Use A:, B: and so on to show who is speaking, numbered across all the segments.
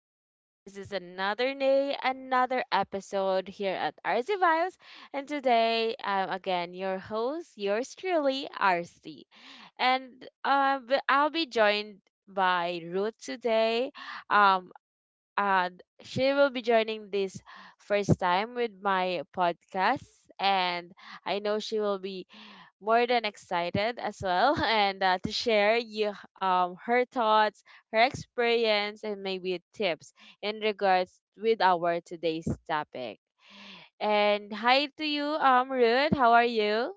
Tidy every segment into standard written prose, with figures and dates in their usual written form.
A: Again, this is another day, another episode here at RC Vibes. And today, I'm again your host, yours truly, RC. And I'll be joined by Ruth today. Um, and she will be joining this first time with my podcast. And I know she will be more than excited as well and to share you her thoughts, her experience, and maybe tips in regards with our today's topic. And hi to you, rude, how are you?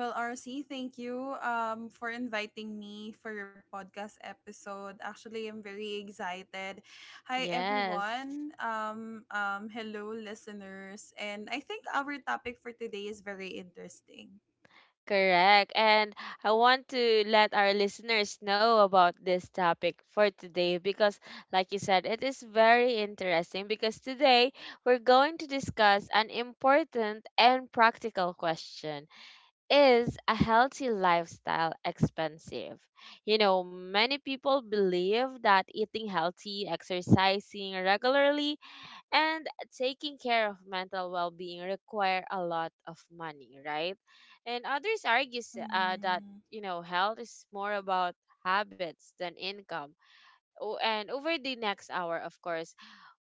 B: Well, RC, thank you for inviting me for your podcast episode. Actually, I'm very excited. Hi,
A: Yes,
B: everyone. Hello, listeners. And I think our topic for today is very interesting.
A: correct. And I want to let our listeners know about this topic for today, because like you said, it is very interesting. Because today we're going to discuss an important and practical question: is a healthy lifestyle expensive? You know, many people believe that eating healthy, exercising regularly, and taking care of mental well being require a lot of money, right? And others argue that,
B: Mm-hmm.
A: health is more about habits than income. And over the next hour, of course,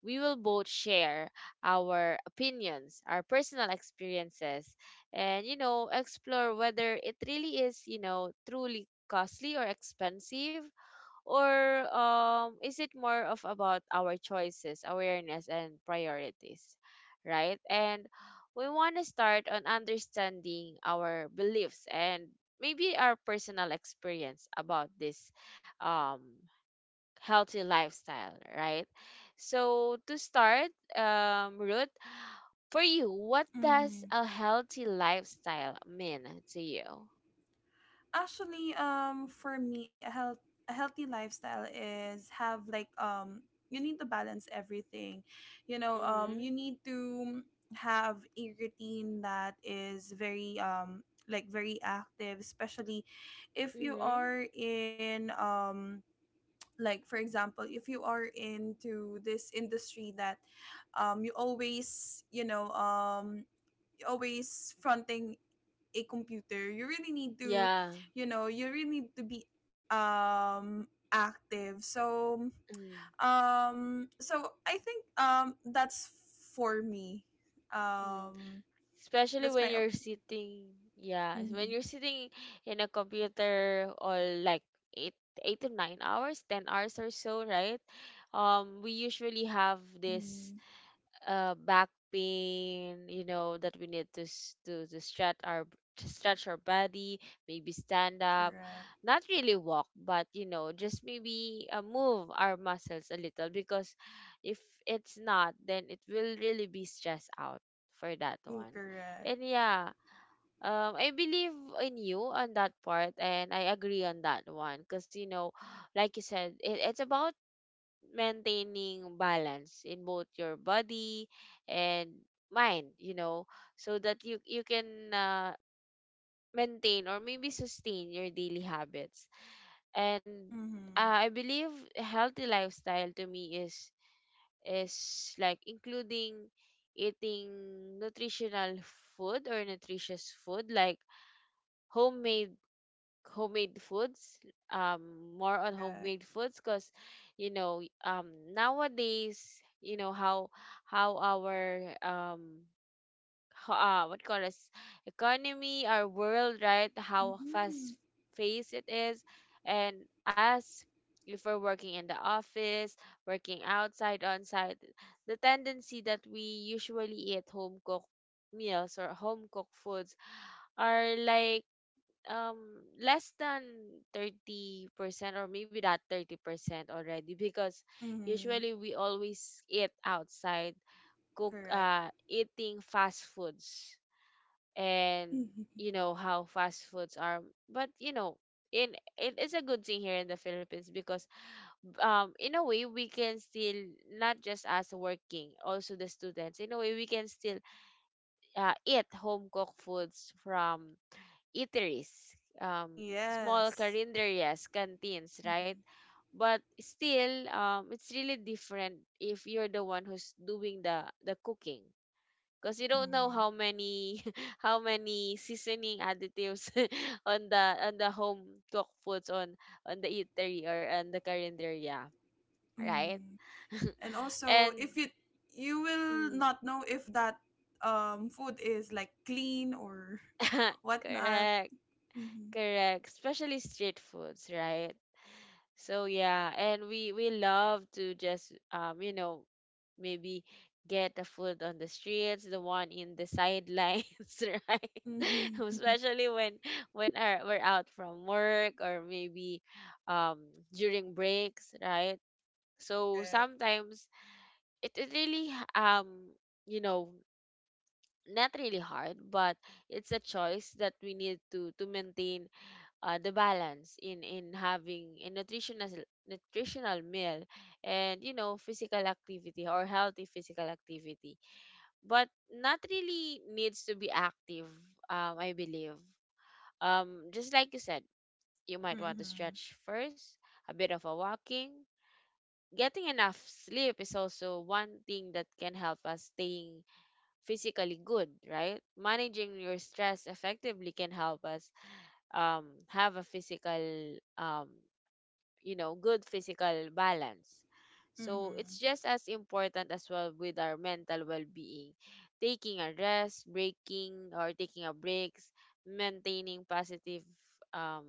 A: we will both share our opinions, our personal experiences, and, explore whether it really is, truly costly or expensive, or is it more of about our choices, awareness, and priorities, right? And we want to start on understanding our beliefs and maybe our personal experience about this um healthy lifestyle, right? So to start, Ruth, for you, what
B: Mm-hmm.
A: does a healthy lifestyle mean to you?
B: For me, a healthy lifestyle is have like you need to balance everything.
A: Mm-hmm.
B: You need to have a routine that is very like very active, especially if you
A: Mm-hmm.
B: are in like, for example, if you are into this industry that you always, always fronting a computer. You really need to,
A: Yeah.
B: you really need to be um active. so
A: Mm-hmm.
B: um so i think um that's for me, um
A: Especially
B: that's
A: when
B: my
A: you're
B: opinion.
A: sitting, yeah, when
B: Mm-hmm.
A: you're sitting in a computer or like eight, eight to nine hours, ten hours or so, right? We usually have this
B: Hmm.
A: back pain, you know, that we need to to stretch our to stretch our body, maybe stand up,
B: Correct.
A: not really walk, but you know, just maybe move our muscles a little, because if it's not, then it will really be stressed out for that
B: Mm,
A: one.
B: correct.
A: And yeah, I believe in you on that part, and I agree on that one, because you know, like you said, it's about maintaining balance in both your body and mind, you know, so that you can uh, maintain or maybe sustain your daily habits. And
B: Mm-hmm.
A: I believe a healthy lifestyle to me is like including eating nutritional food or nutritious food, like homemade, homemade foods. More on
B: Correct.
A: homemade foods, because you know, nowadays, you know how our what call us economy, our world, right? How
B: Mm-hmm.
A: fast paced it is. And us, if we're working in the office, working outside on site, the tendency that we usually eat home cooked meals or home cooked foods are like um less than 30%, or maybe that 30% already, because
B: Mm-hmm.
A: usually we always eat outside, cook
B: Correct.
A: eating fast foods. And
B: Mm-hmm.
A: you know how fast foods are. But you know, in, it is a good thing here in the Philippines, because in a way we can still, not just us working, also the students, in a way we can still eat home cooked foods from eateries, um, small
B: Yes.
A: carinderias, canteens,
B: Mm-hmm.
A: right? But still, it's really different if you're the one who's doing the cooking, because you don't know
B: Mm-hmm.
A: how many how many seasoning additives on the, on the home cooked foods, on the eatery or on the carinderia, right?
B: Hmm. And also
A: And
B: if you, you will
A: mm,
B: not know if that food is like clean or whatnot.
A: correct.
B: Mm-hmm.
A: Correct, especially street foods, right? So yeah, and we love to just you know, maybe get the food on the streets, the one in the sidelines, right?
B: Mm-hmm.
A: Especially when we're out from work, or maybe um during breaks, right? So
B: Correct.
A: sometimes it is really um you know, not really hard, but it's a choice that we need to maintain the balance in having a nutritional, nutritional meal, and you know, physical activity or healthy physical activity. But not really needs to be active. I believe, just like you said, you might want to
B: Mm-hmm.
A: stretch first, a bit of a walking. Getting enough sleep is also one thing that can help us staying physically good, right? Managing your stress effectively can help us have a physical you know, good physical balance. So
B: Mm-hmm.
A: it's just as important as well with our mental well-being. Taking a rest, breaking or taking a breaks, maintaining positive um,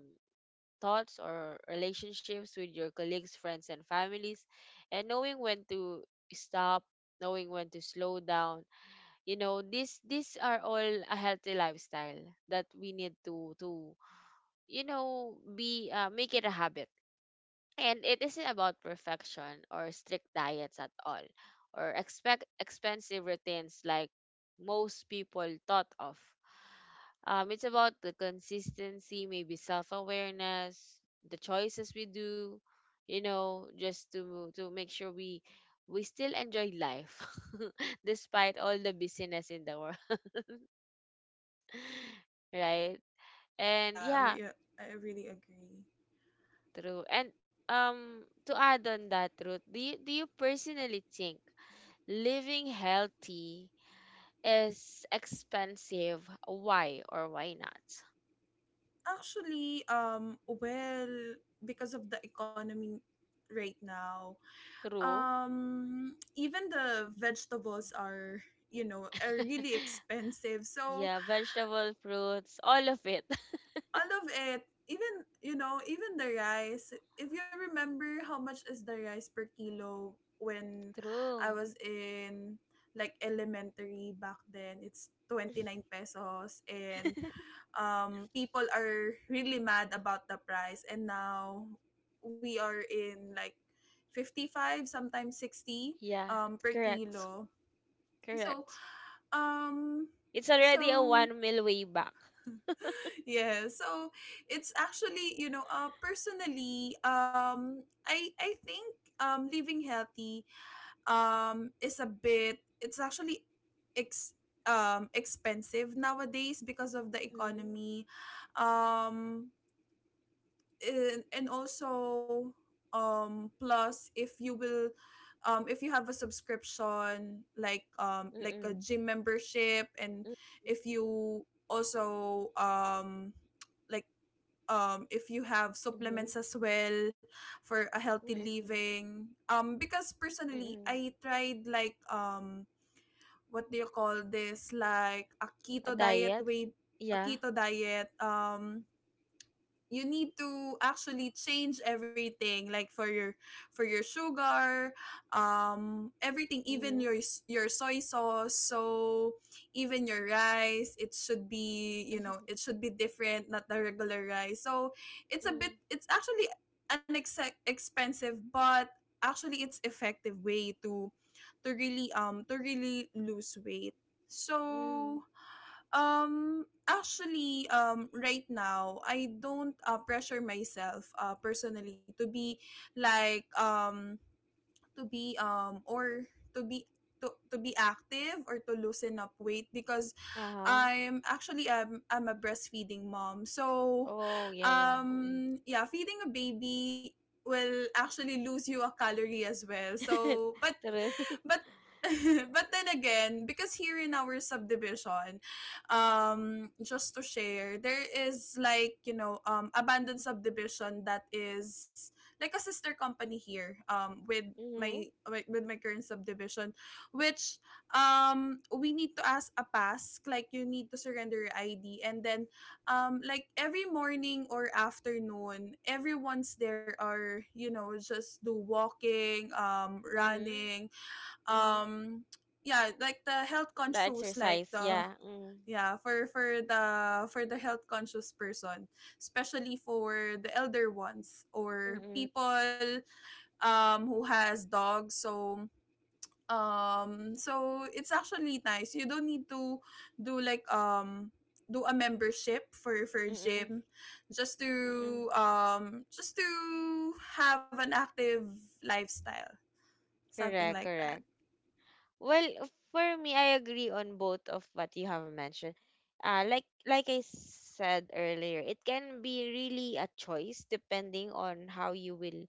A: thoughts or relationships with your colleagues, friends, and families, and knowing when to stop, knowing when to slow down. You know, these are all a healthy lifestyle that we need to you know, be make it a habit. And it isn't about perfection or strict diets at all, or expect expensive routines like most people thought of. It's about the consistency, maybe self awareness, the choices we do, you know, just to make sure we still enjoy life despite all the busyness in the world, right? And
B: Yeah,
A: yeah,
B: w- yeah, I really agree.
A: true. And to add on that, Ruth, do you personally think living healthy is expensive? Why or why not?
B: Actually, um, well, because of the economy right now,
A: True.
B: even the vegetables are, you know, are really expensive. So
A: Yeah, vegetable, fruits, all of it.
B: all of it. Even, you know, even the rice, if you remember how much is the rice per kilo when I
A: True.
B: was in like elementary back then, it's 29 pesos. And people are really mad about the price, and now we are in like 55, sometimes 60
A: Yeah,
B: per
A: correct.
B: kilo. So
A: Correct.
B: um
A: It's already a
B: so
A: one meal way back.
B: yeah. So it's actually, you know, personally, um, I think living healthy is a bit, it's actually ex expensive nowadays because of the
A: Mm.
B: economy. Um and, and also, plus if you will, if you have a subscription, like a
A: Mm-mm.
B: gym membership. And
A: Mm.
B: if you also, like if you have
A: Mhm.
B: supplements as well for a healthy
A: Mm-mm.
B: living. Because personally,
A: Mm-mm.
B: I tried like, what do you call this, like a
A: A
B: keto diet
A: diet?
B: way a
A: Yeah.
B: keto diet. You need to actually change everything, like for your, for your sugar, everything, even
A: Mm-hmm.
B: your your soy sauce. So even your rice, it should be, you know, it should be different, not the regular rice. So it's a bit,
A: Mm-hmm.
B: it's actually an expensive, but actually it's effective way to really, to really lose weight.
A: Mm-hmm.
B: So right now, I don't pressure myself personally to be like um to be or to be to be active or to loosen up weight because
A: Uh-huh.
B: I'm actually, I'm a breastfeeding mom. So
A: Oh, yeah, yeah.
B: yeah, feeding a baby will actually lose you a calorie as well.
A: Mm.
B: So
A: True.
B: but but then again, because here in our subdivision,
A: Mm.
B: just to share, there is, like, you know, abandoned subdivision that is like a sister company here, with my,
A: Mhm.
B: with my current subdivision, which we need to ask a pass, like you need to surrender your ID, and then like every morning or afternoon, everyone's there are, you know, just do walking,
A: Mhm.
B: running.
A: Mhm.
B: Um yeah like the health
A: The
B: conscious, like
A: exercise,
B: the,
A: yeah. Mm.
B: yeah, for the, for the health conscious person, especially for the elder ones or
A: Mm.
B: people who has dogs. So so it's actually nice, you don't need to do do a membership for
A: Mm.
B: gym, just
A: Mm.
B: to, just to have an active lifestyle, something
A: Correct,
B: like that.
A: correct. Well, for me, I agree on both of what you have mentioned. Like I said earlier, it can be really a choice depending on how you will,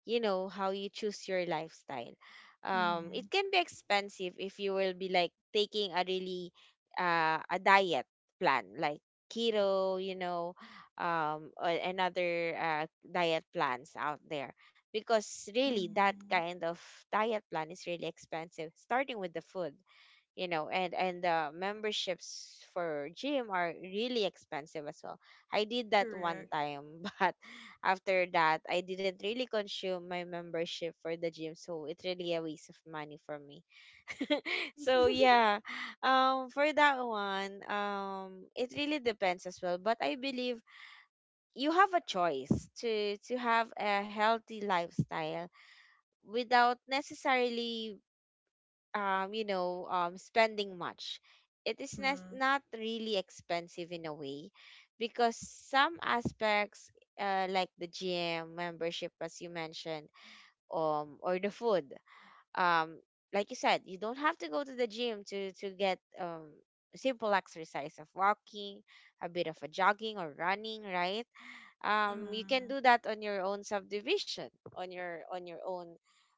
A: you know, how you choose your lifestyle.
B: Hmm.
A: It can be expensive if you will be like taking a really a diet plan like keto, you know, or another diet plans out there, because really that
B: Mm-hmm.
A: kind of diet plan is really expensive, starting with the food, you know. And the memberships for gym are really expensive as well. I did that one
B: Correct.
A: time but after that I didn't really consume my membership for the gym, so it's really a waste of money for me.
B: Mm-hmm.
A: So yeah, for that one, it really depends as well, but I believe you have a choice to have a healthy lifestyle without necessarily you know, spending much. It is not really expensive in a way, because some aspects, like the gym membership, as you mentioned, or the food, um, like you said, you don't have to go to the gym to get simple exercise of walking, a bit of a jogging or running, right? You can
B: Mm-hmm.
A: do that on your own subdivision, on your own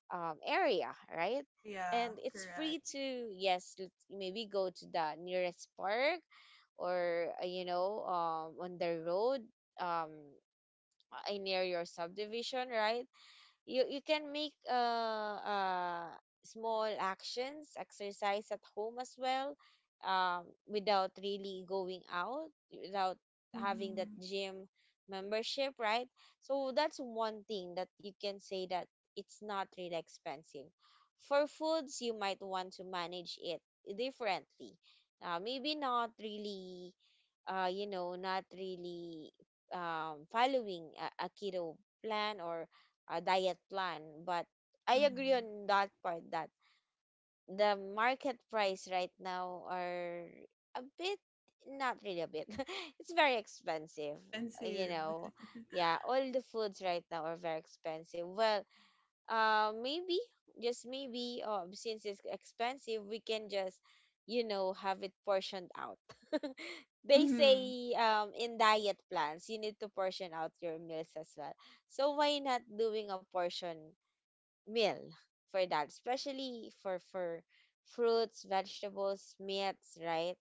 A: area, right?
B: There, yeah.
A: And it's free
B: Correct.
A: to, yes, maybe go to the nearest park or you know, on the road, um, near your subdivision, right? You can make small actions exercise at home as well, without really going out, without having that
B: Mm-hmm.
A: gym membership, right? So that's one thing that you can say that it's not really expensive. For foods, you might want to manage it differently, maybe not really you know, not really following a keto plan or diet plan. But I
B: Mm-hmm.
A: agree on that part that the market price right now are a bit, not really a bit, it's very expensive. You
B: Expensive.
A: know, yeah, all the foods right now are very expensive. Well, maybe, just maybe, since it's expensive, we can just, you know, have it portioned out. They
B: Mm-hmm.
A: say in diet plans, you need to portion out your meals as well. So why not doing a portion meal for that, especially for fruits, vegetables, meats, right?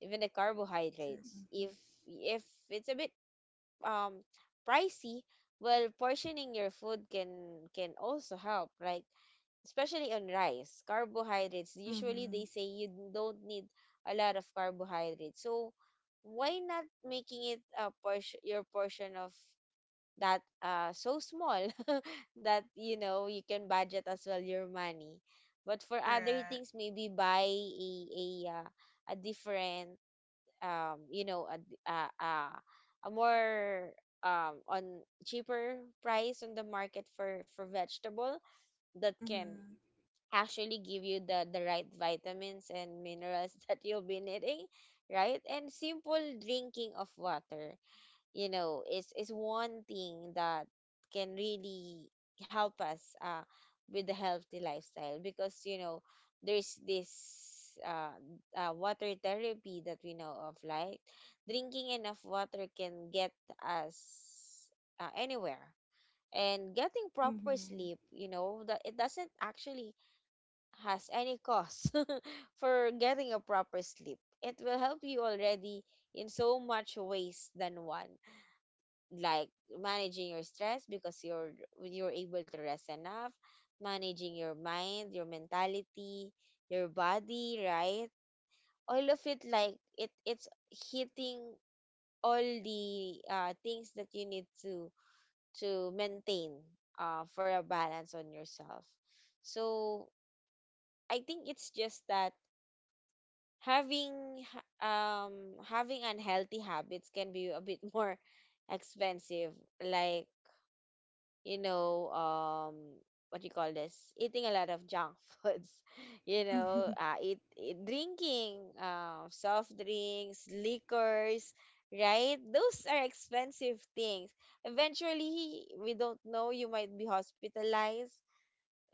A: Even the carbohydrates.
B: Mm-hmm.
A: If it's a bit um pricey, well, portioning your food can also help, like especially on rice, carbohydrates. Usually
B: Mm-hmm.
A: they say you don't need a lot of carbohydrates, so why not making it a portion your portion of that so small that you know you can budget as well your money, but for other
B: Correct.
A: things maybe buy a a uh, a different you know a d- a more on cheaper price on the market for vegetable that can
B: Mm-hmm.
A: actually give you the right vitamins and minerals that you'll be needing, right? And simple drinking of water, you know, is one thing that can really help us with the healthy lifestyle, because you know there's this water therapy that we know of, like drinking enough water can get us anywhere. And getting proper sleep,
B: Mm-hmm.
A: you know, that it doesn't actually has any cost for getting a proper sleep, it will help you already in so much ways than one, like managing your stress because you're able to rest enough, managing your mind, your mentality, your body, right? All of it, like it it's hitting all the things that you need to maintain for a balance on yourself. So I think it's just that having h- um having unhealthy habits can be a bit more expensive, like you know, um, what you call this? Eating a lot of junk foods, you know,
B: Mm-hmm.
A: eat, eat drinking soft drinks, liquors, right? Those are expensive things. Eventually, we don't know, you might be hospitalized.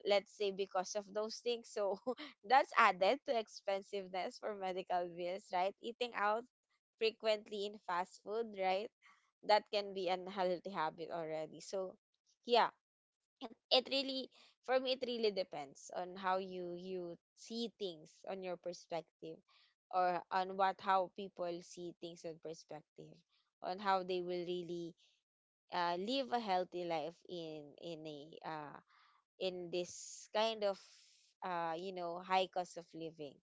A: Let's say because of those things. So that's added to expensiveness for medical bills, right? Eating out frequently in fast food, right? That can be an unhealthy habit already. So, yeah, it really, for me, it really depends on how you you see things on your perspective, or on what how people see things in perspective, on how they will really live a healthy life in a in this kind of you know, high cost of living,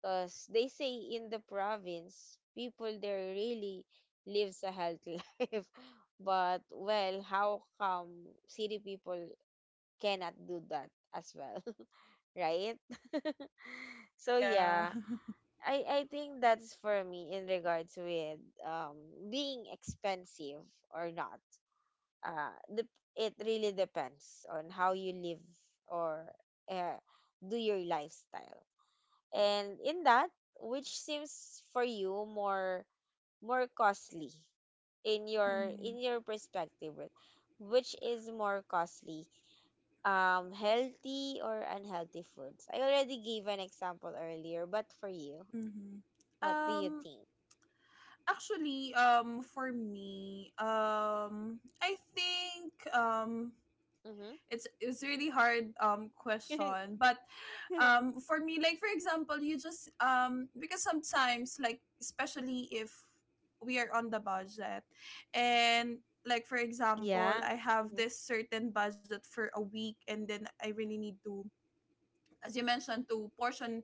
A: because they say in the province people there really lives a healthy life, but well, how come city people cannot do that as well, right? So
B: Yeah.
A: yeah, I think that's for me in regards with um being expensive or not. The, it really depends on how you live or uh, do your lifestyle. And in that, which seems for you more more costly
B: Mm-hmm.
A: in your perspective, Ruth, which is more costly, healthy or unhealthy foods? I already gave an example earlier, but for you,
B: Mm-hmm.
A: what do you
B: Um.
A: think?
B: For me, it's really hard question.
A: Mm-hmm.
B: But for me, like, for example, you just because sometimes, like, especially if we are on the budget, and like, for example,
A: Yeah.
B: I have
A: Mm-hmm.
B: this certain budget for a week, and then I really need to, as you mentioned, to portion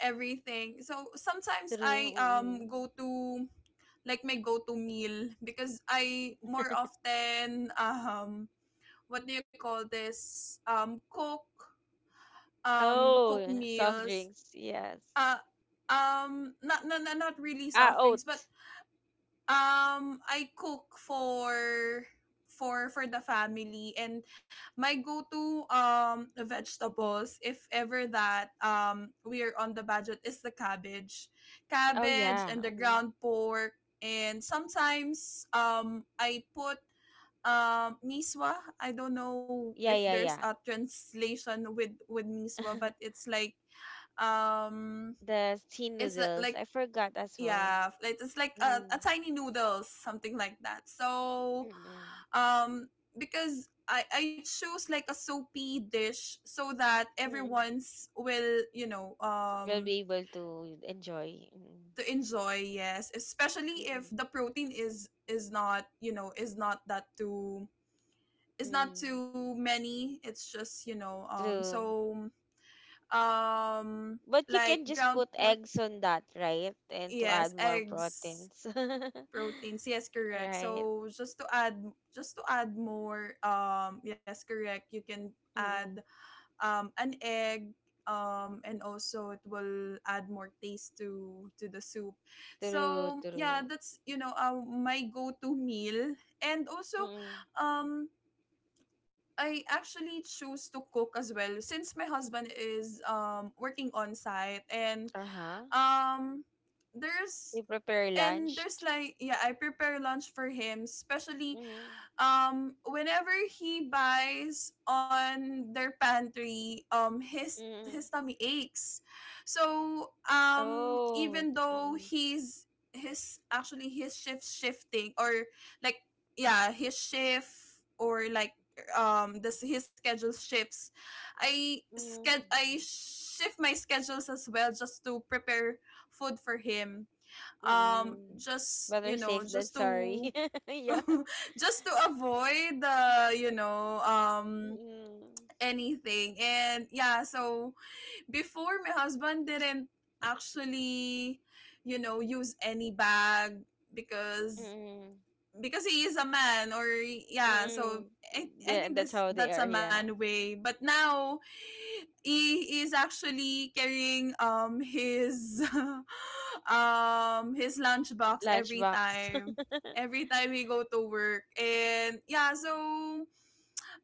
B: everything. So sometimes
A: True.
B: I
A: Mm-hmm.
B: go to like my go-to meal, because I more often what do you call this,
A: Oh,
B: cook
A: yeah. Soft
B: meals.
A: drinks. Yes.
B: uh Not really
A: Ah,
B: soft drinks,
A: oat.
B: but I cook for, for the family. And my go-to vegetables, if ever that we are on the budget, is the cabbage,
A: Oh yeah.
B: and the
A: Mm.
B: ground pork. And sometimes I put miswa. I don't know if
A: Yeah, yeah,
B: there's
A: yeah.
B: a translation with miswa, but it's like um
A: The steam
B: it's
A: noodles.
B: like,
A: I forgot as well.
B: yeah, like it's like
A: Mm.
B: a tiny noodles, something like that. So
A: Mm-mm.
B: um because I chose like a soapy dish, so that
A: Mm-mm.
B: everyone's will, you know,
A: We'll be able to enjoy. Mm-mm.
B: to enjoy, yes, especially if
A: Mm-mm.
B: the protein is not, you know, is not that too, it's not
A: Mm-mm.
B: too many. It's just, you know,
A: True.
B: um
A: But you
B: like
A: can just
B: ground
A: put
B: pork.
A: eggs on that, right? And to
B: Yes,
A: add more
B: eggs,
A: proteins.
B: proteins. Yes, correct.
A: Right.
B: So just to add, just to add more, yes, correct. You can add
A: Mm-mm.
B: an egg, and also it will add more taste to the soup.
A: True,
B: So yeah,
A: true.
B: that's, you know, my go-to meal. And also,
A: Mm-mm.
B: um I actually choose to cook as well, since my husband is working on site. And
A: Uh-huh.
B: um there's
A: You prepare
B: and
A: lunch.
B: there's like, yeah, I prepare lunch for him, especially
A: Mm-mm.
B: whenever he buys on their pantry,
A: Mm-mm.
B: his tummy aches. So
A: Oh.
B: even though
A: Mm-mm.
B: he's, his actually his shift, shifting or like, yeah, his shift or like, this his schedule shifts, I
A: Mm-mm.
B: sched I shift my schedules as well just to prepare food for him,
A: Mm-mm.
B: just, you
A: Better
B: know,
A: safe than
B: just
A: sorry.
B: to
A: Yeah.
B: just to avoid the, you know,
A: Mm-mm.
B: anything. And yeah, so before my husband didn't actually, you know, use any bag because
A: Mm-mm.
B: because he is a man or, yeah, so
A: Mm-mm.
B: I
A: Yeah,
B: think
A: that's
B: this
A: how they
B: that's
A: are,
B: a
A: yeah.
B: man way. But now he is actually carrying his his lunchbox every
A: Lunchbox.
B: time, we go to work. And yeah, so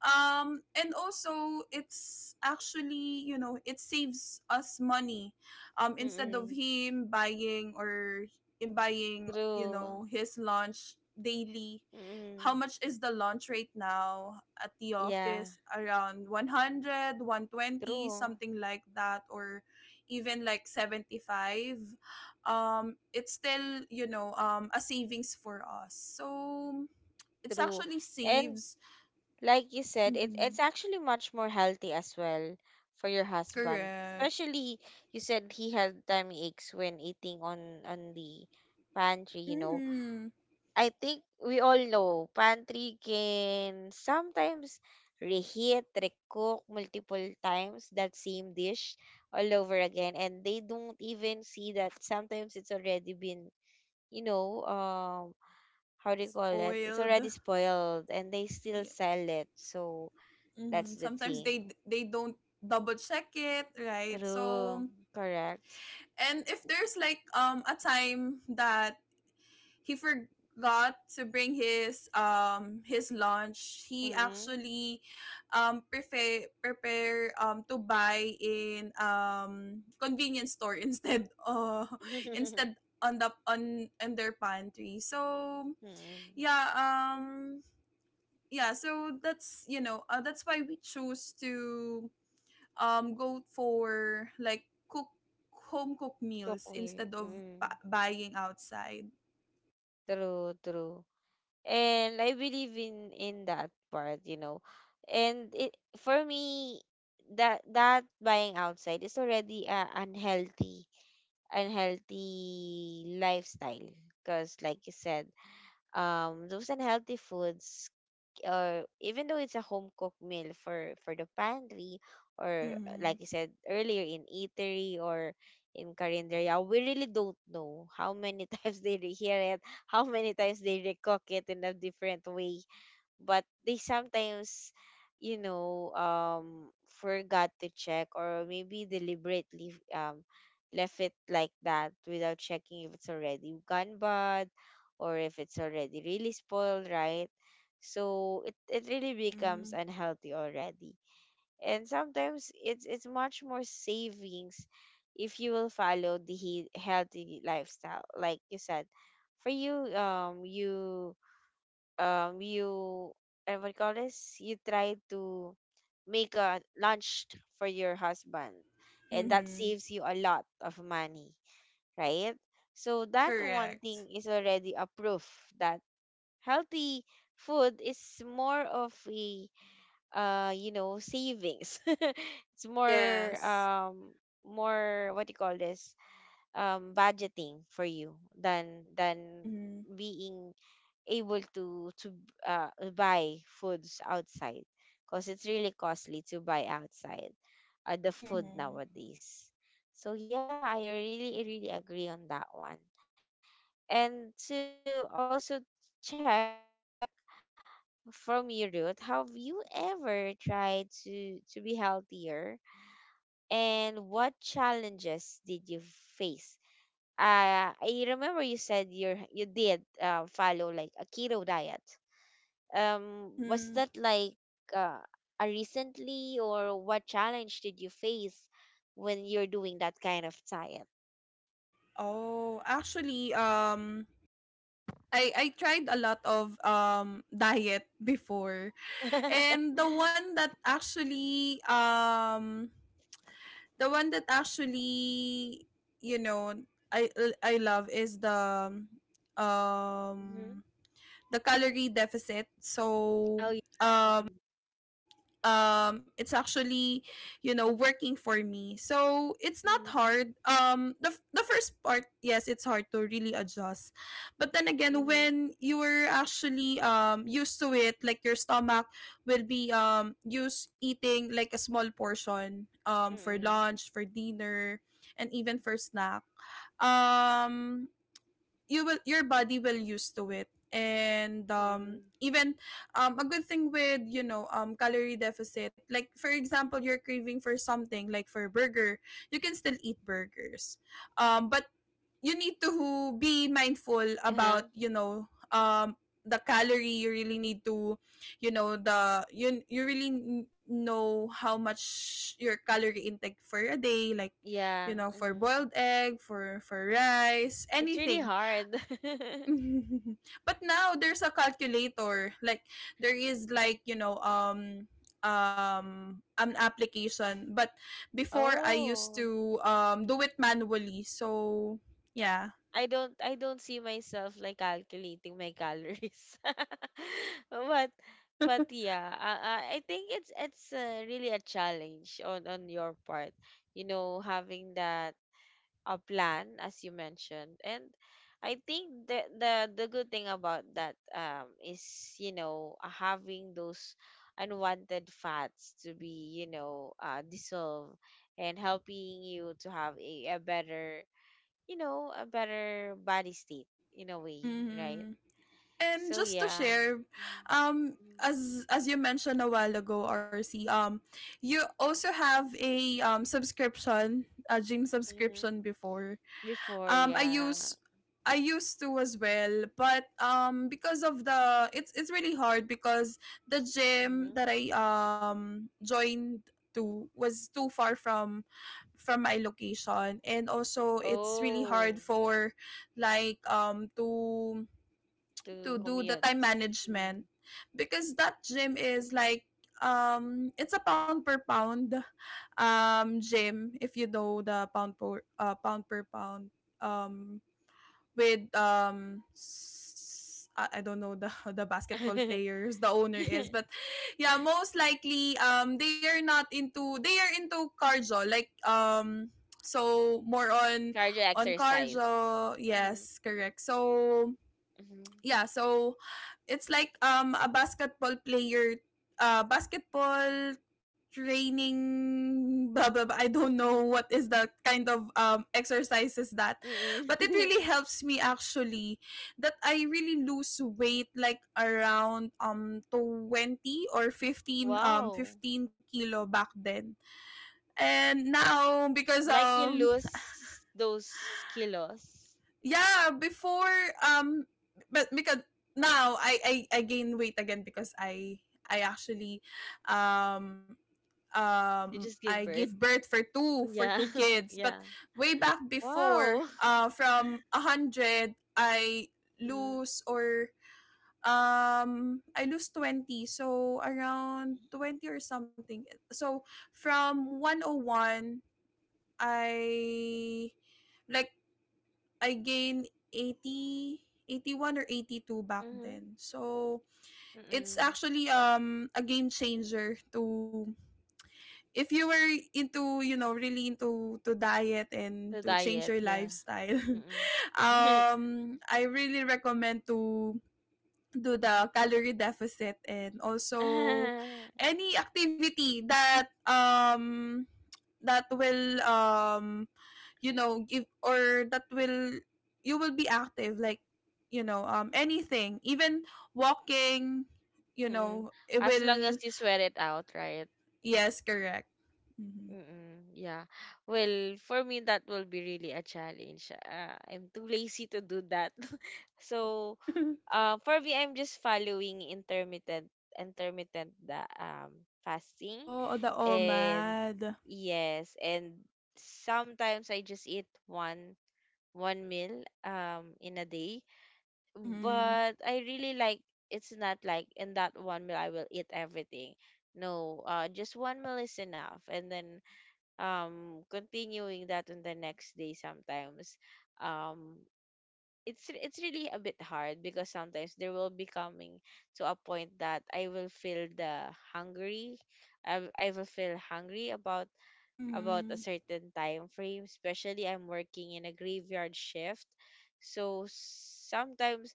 B: and also it's actually, you know, it saves us money, instead of
A: Mm-mm.
B: him buying or in buying, you
A: True.
B: know, his lunch daily. How
A: Mm-mm.
B: much is the lunch right now at the
A: Yeah.
B: office, around one hundred, one twenty,
A: True,
B: something like that, or even like 75, it's still, you know, a savings for us. So it's
A: true.
B: actually
A: And
B: saves.
A: like you said, it,
B: Mhm.
A: it's actually much more healthy as well for your husband.
B: Correct.
A: Especially you said he had tummy aches when eating on the pantry, you know.
B: Hmm.
A: I think we all know pantry can sometimes reheat, recook multiple times that same dish all over again, and they don't even see that sometimes it's already been, you know, um. how do you call it? It's
B: Spoiled.
A: already spoiled and they still
B: Yeah.
A: sell it. So
B: Hmm.
A: that's the
B: Sometimes they
A: thing.
B: they don't double check it, right? So,
A: True. Correct.
B: and if there's like a time that he forgot to bring his, his lunch, he
A: Mm.
B: actually prepare to buy in convenience store instead instead on the on, in their pantry. So
A: Mm.
B: yeah, yeah, so that's, you know, that's why we chose to go for like cook, home cooked
A: Cook
B: meals,
A: meal.
B: instead of
A: Mm.
B: buying outside.
A: True, true. And I believe in that part, you know. And it for me, that that buying outside is already a unhealthy, unhealthy lifestyle, because like you said, those unhealthy foods, or even though it's a home cooked meal for the pantry, or like
B: Mm-hmm.
A: I said earlier, in eatery or in carinderia, we really don't know how many times they rehear it, how many times they recook it in a different way, but they sometimes, you know um forgot to check, or maybe deliberately left it like that without checking if it's already gone bad, or if it's already really spoiled, right? So it really becomes
B: Mm-hmm.
A: unhealthy already. And sometimes it's much more savings if you will follow the healthy lifestyle, like you said, for you, you, and what you call this, you try to make a lunch for your husband, and that
B: Mm-hmm.
A: saves you a lot of money, right? So that one
B: Correct.
A: thing is already a proof that healthy food is more of a you know, savings. It's more
B: Yes.
A: more, what you call this, budgeting for you, than
B: Mm-hmm.
A: being able to uh, buy foods outside, because it's really costly to buy outside the food
B: Mm-hmm.
A: nowadays. So yeah, I really really agree on that one. And to also check from your root, have you ever tried to be healthier? And what challenges did you face? I remember you said you you did follow like a keto diet. Was that
B: Mm-hmm.
A: like uh, a recently, or what challenge did you face when you're doing that kind of diet?
B: Oh actually, I tried a lot of diet before. And the one that actually the one that actually, you know, i I love is um
A: Mm-hmm.
B: the calorie deficit. So
A: Oh yeah.
B: um it's actually, you know, working for me, so it's not hard.
A: Mm-hmm.
B: The first part, yes, it's hard to really adjust. But then again, when you
A: Mm-hmm.
B: were actually used to it, like your stomach will be used eating like a small portion, for
A: Mm-hmm.
B: lunch, for dinner, and even for snack. um you will, your body will used to it. And
A: Mm-hmm.
B: even a good thing with, you know, calorie deficit, like for example, you're craving for something, like for burger, you can still eat burgers, but you need to be mindful about,
A: Uh-huh.
B: you know, the calorie. You really need to, you know, the you, you really know how much your calorie intake for a day, like, you
A: Yeah.
B: know, for
A: Mm-hmm.
B: boiled egg, for rice,
A: It's really
B: anything.
A: hard.
B: But now there's a calculator, like there is like, you know, an application. But before, I used
A: Oh.
B: to do it manually. So yeah.
A: I don't see myself like calculating my calories. but but yeah, I think it's really a challenge on your part. You know, having that a plan as you mentioned. And I think the good thing about that is, you know, having those unwanted fats to be, you know, dissolved and helping you to have a better, you know, a better body state in a way, right?
B: Mm-hmm. And
A: So
B: just to
A: yeah.
B: share,
A: Mm-hmm.
B: as you mentioned a while ago, RC, you also have a subscription, a gym
A: Hmm.
B: subscription before.
A: Before,
B: um i
A: yeah.
B: use I used to as well, but because of the, it's really hard because the gym
A: Hmm.
B: that I joined to was too far from my location. And also it's really hard
A: Oh,
B: for like, to
A: to
B: do the
A: commute.
B: time management because that gym is like, it's a pound per pound gym, if you know the pound per, pound per pound. um with I don't know the the basketball
A: Mm.
B: players the owner is, but yeah, most likely they are not into, they are into cardio, like so more on
A: Cardio
B: on
A: exercise.
B: cardio,
A: Mm-hmm.
B: yes, correct. So yeah, so it's like a basketball player, basketball training, blah blah blah. I don't know what is the kind of exercises that. But
A: Mm-hmm.
B: it
A: Mm.
B: really helps me actually that I really lose weight like around 20 or 15
A: Wow.
B: 15 kilo back then. And now because
A: Like you lose those kilos.
B: yeah before um but because now I gain weight again because I actually um
A: You just
B: I
A: give
B: give
A: birth.
B: birth for two for
A: Yeah.
B: two kids. But
A: Yeah.
B: way back before
A: Wow.
B: from a hundred I
A: Mm-hmm.
B: lose or I lose 20, so around 20 or something. So from 101 I like I gained 80, 81 or 82 back then. So it's
A: Mm-hmm.
B: actually a game changer to if you were into you know really into to diet and
A: The
B: to change
A: diet,
B: your
A: yeah.
B: lifestyle.
A: Mm.
B: I really recommend to do the calorie deficit, and also
A: Mm.
B: any activity that that will you know, give, or that will, you will be active, like, you know, anything, even walking, you know, it
A: As long
B: will.
A: as you sweat it out, right?
B: Yes, correct. Hmm.
A: Mm-mm. Yeah. Well, for me, that will be really a challenge. I'm too lazy to do that. So, for me, I'm just following intermittent intermittent the fasting,
B: Oh, the
A: and
B: omad.
A: yes, and sometimes I just eat one one meal in a day,
B: Mm-hmm.
A: but I really like, it's not like in that one meal I will eat everything. No, just one meal is enough, and then continuing that on the next day sometimes, um, it's really a bit hard, because sometimes there will be coming to a point that I will feel the hungry, I will feel hungry about a
B: Mm-hmm.
A: certain time frame, especially I'm working in a graveyard shift, so sometimes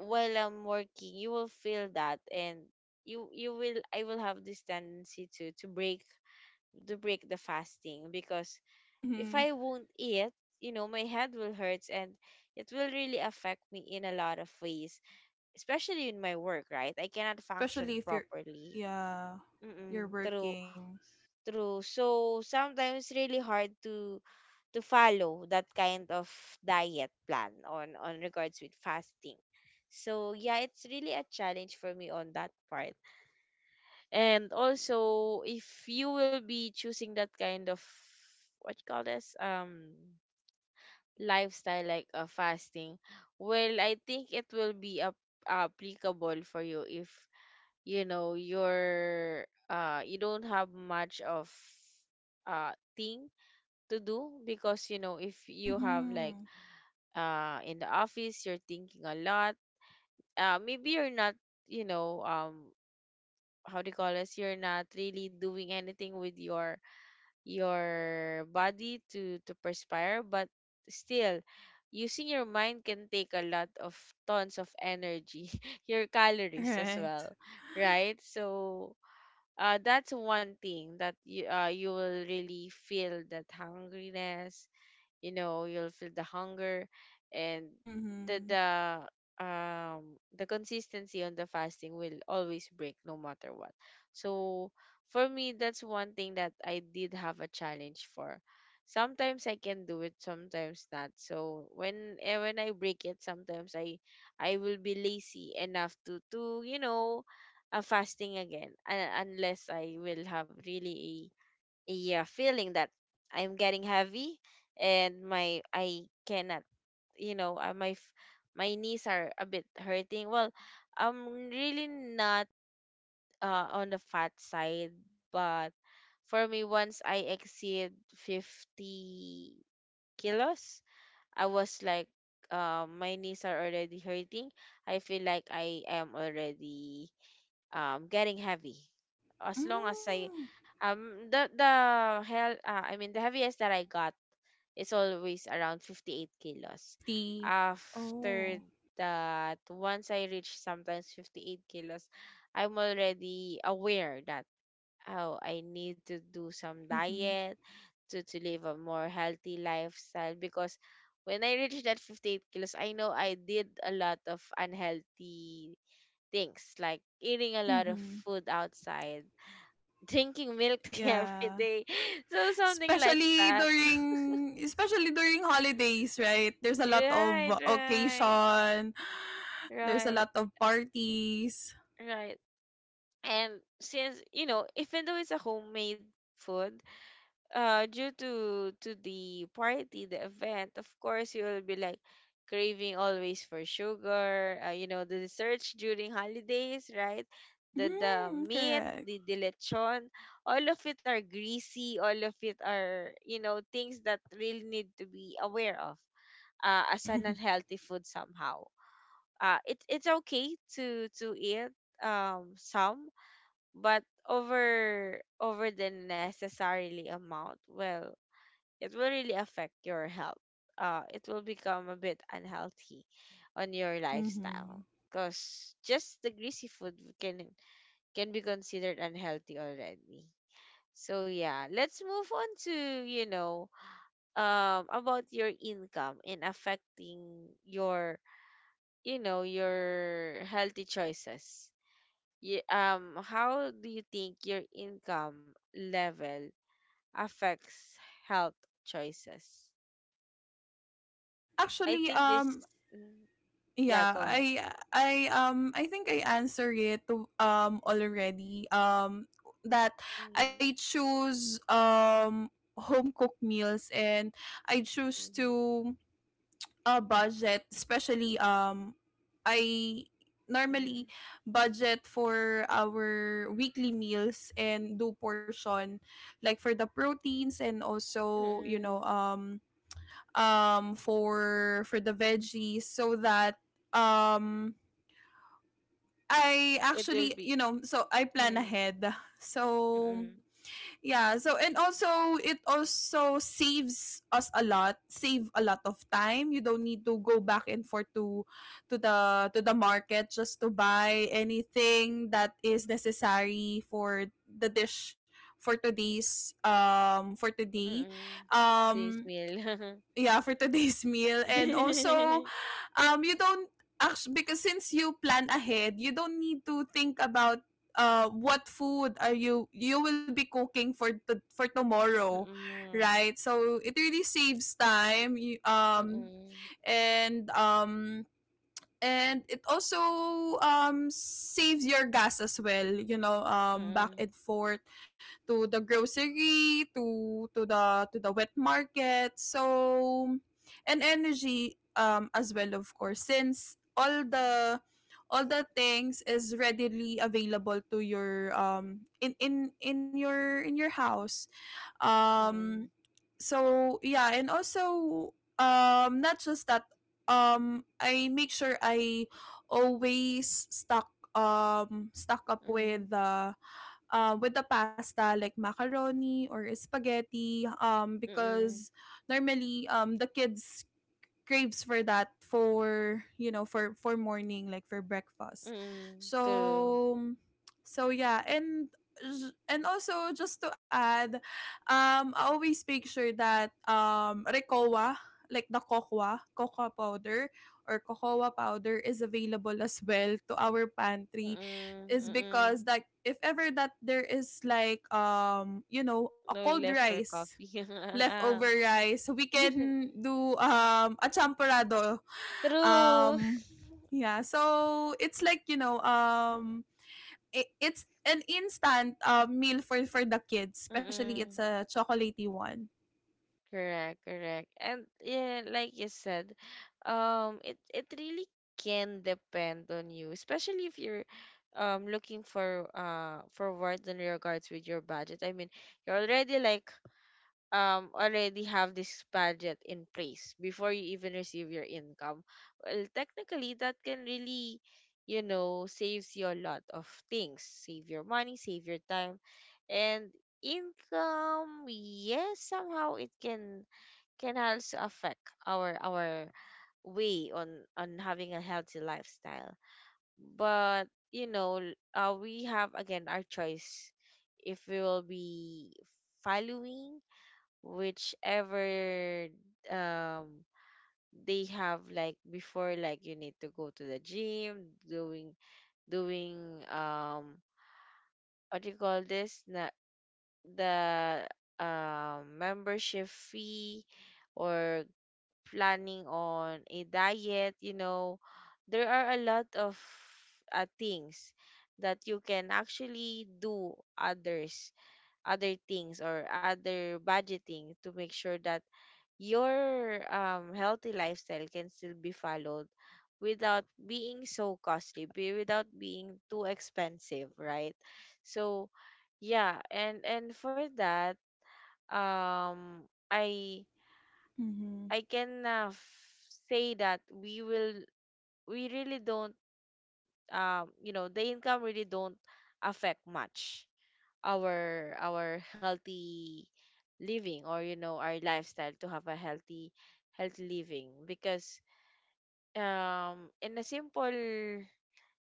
A: while I'm working, you will feel that, and you will I will have this tendency to to break the fasting, because if
B: Mm-hmm.
A: I won't eat, you know, my head will hurt, and it will really affect me in a lot of ways, especially in my work, right? I cannot function
B: Especially if you're,
A: properly.
B: yeah, you're
A: Mm-mm, true,
B: working.
A: true. So sometimes really hard to follow that kind of diet plan on regards with fasting. So yeah, it's really a challenge for me on that part. And also, if you will be choosing that kind of, what you call this, lifestyle, like a fasting, well, I think it will be applicable for you if you know you're you don't have much of uh thing to do, because you know if you have like
B: Mhm.
A: in the office, you're thinking a lot, maybe you're not, you know, how do you call this, you're not really doing anything with your body to perspire, but still, using your mind can take a lot of tons of energy, your calories as
B: Correct.
A: well, right? So that's one thing that you you will really feel that hungriness, you know, you'll feel the hunger. And the
B: Mhm.
A: the the consistency on the fasting will always break no matter what. So for me, that's one thing that I did have a challenge for. Sometimes I can do it, sometimes not, so when when I break it, sometimes I will be lazy enough to, you know, fasting again, unless I will have really, yeah, feeling that I'm getting heavy, and my I cannot, you know, my knees are a bit hurting. Well, I'm really not on the fat side, but for me, once I exceed 50 kilos, I was like, my knees are already hurting, I feel like I am already getting heavy. As long as I,
B: Mm.
A: I mean, the heaviest that I got is always around 58 kilos.
B: 50.
A: After
B: Oh.
A: that, once I reach sometimes 58 kilos, I'm already aware that, oh, I need to do some
B: Mhm.
A: diet to live a more healthy lifestyle, because when I reached that 58 kilos, I know I did a lot of unhealthy things, like eating a lot of
B: Mhm.
A: food outside, drinking milk tea every
B: Yeah.
A: day. So something like
B: Especially
A: that.
B: during especially during holidays, right? There's a lot of
A: Right, right,
B: occasion. There's a
A: right,
B: lot of parties.
A: right. And since, you know, even though it's a homemade food, due to the party, the event, of course you will be like craving always for sugar, you know, the desserts during holidays, right? The
B: Mhm.
A: meat,
B: Correct.
A: the lechon, all of it are greasy, all of it are, you know, things that really need to be aware of as an unhealthy food somehow. It, it's okay to eat some, but over over the necessarily amount, well, it will really affect your health. It will become a bit unhealthy on your
B: Mhm.
A: lifestyle because just the greasy food can can be considered unhealthy already. So yeah, let's move on to about your income and affecting your your healthy choices. Yeah, how do you think your income level affects health choices? I
B: Actually,
A: think this.
B: um.
A: Mm, yeah,
B: Yeah,
A: go ahead.
B: I I think I answered it already, that
A: Mm-hmm,
B: I choose home cooked meals, and I choose
A: mm-hmm,
B: to budget. Especially I normally budget for our weekly meals and do portion, like for the proteins and also, you know,
A: mm-hmm.
B: for the veggies, so that um I
A: It
B: actually,
A: will
B: you
A: be.
B: know, so I plan
A: Mm,
B: ahead. So
A: mm-mm,
B: yeah, so and also it also saves us a lot, save a lot of time. You don't need to go back and forth to to the market just to buy anything that is necessary for the dish for today's for today.
A: mm-mm. Today's
B: Um
A: meal.
B: yeah, for today's meal. And also, um, you don't, actually, because since you plan ahead, you don't need to think about what food are you, you will be cooking for for tomorrow,
A: Mm-mm, mm-mm,
B: right? So it really saves time. You, um,
A: mm-mm,
B: and um and it also saves your gas as well, you know, back
A: mm-mm,
B: and forth to the grocery, to to the wet market. So and energy, as well, of course, since all the, all the things is readily available to your, in your, in your house. um
A: mm-mm,
B: so yeah, and also, not just that, I make sure I always stock, stock up with the, with the pasta, like macaroni or spaghetti,
A: mm-mm,
B: because normally the kids craves for that, for, you know, for morning, like for breakfast.
A: mm-mm. True.
B: So, so yeah. And also, just to add, I always make sure that recoa, like the cocoa powder, or cocoa powder, is available as well to our pantry.
A: Mm-mm,
B: Is because,
A: mm-mm.
B: like, if ever that there is like, you know, a
A: No
B: cold
A: left for
B: rice,
A: coffee. Ah.
B: leftover rice, we can do a champorado.
A: True.
B: Um yeah, so it's like, you know, I it's an instant meal for the kids, especially it's
A: Mm-mm.
B: a chocolatey one.
A: Correct, correct. And yeah, like you said, it really can depend on you, especially if you're looking for work in regards with your budget. I mean, you already like already have this budget in place before you even receive your income. Well, technically that can really, you know, saves you a lot of things. Save your money, save your time, and income. Yes, somehow it can also affect our way on having a healthy lifestyle, but you know we have again our choice if we will be following whichever um they have. Like before, like you need to go to the gym doing doing um what do you call this, the membership fee or planning on a diet. You know, there are a lot of things that you can actually do, others other things or other budgeting to make sure that your healthy lifestyle can still be followed without being so costly, without being too expensive, right? So yeah, and for that um i
B: Mhm.
A: I can say that we will we really don't you know, the income really don't affect much our healthy living or, you know, our lifestyle to have a healthy living because in a simple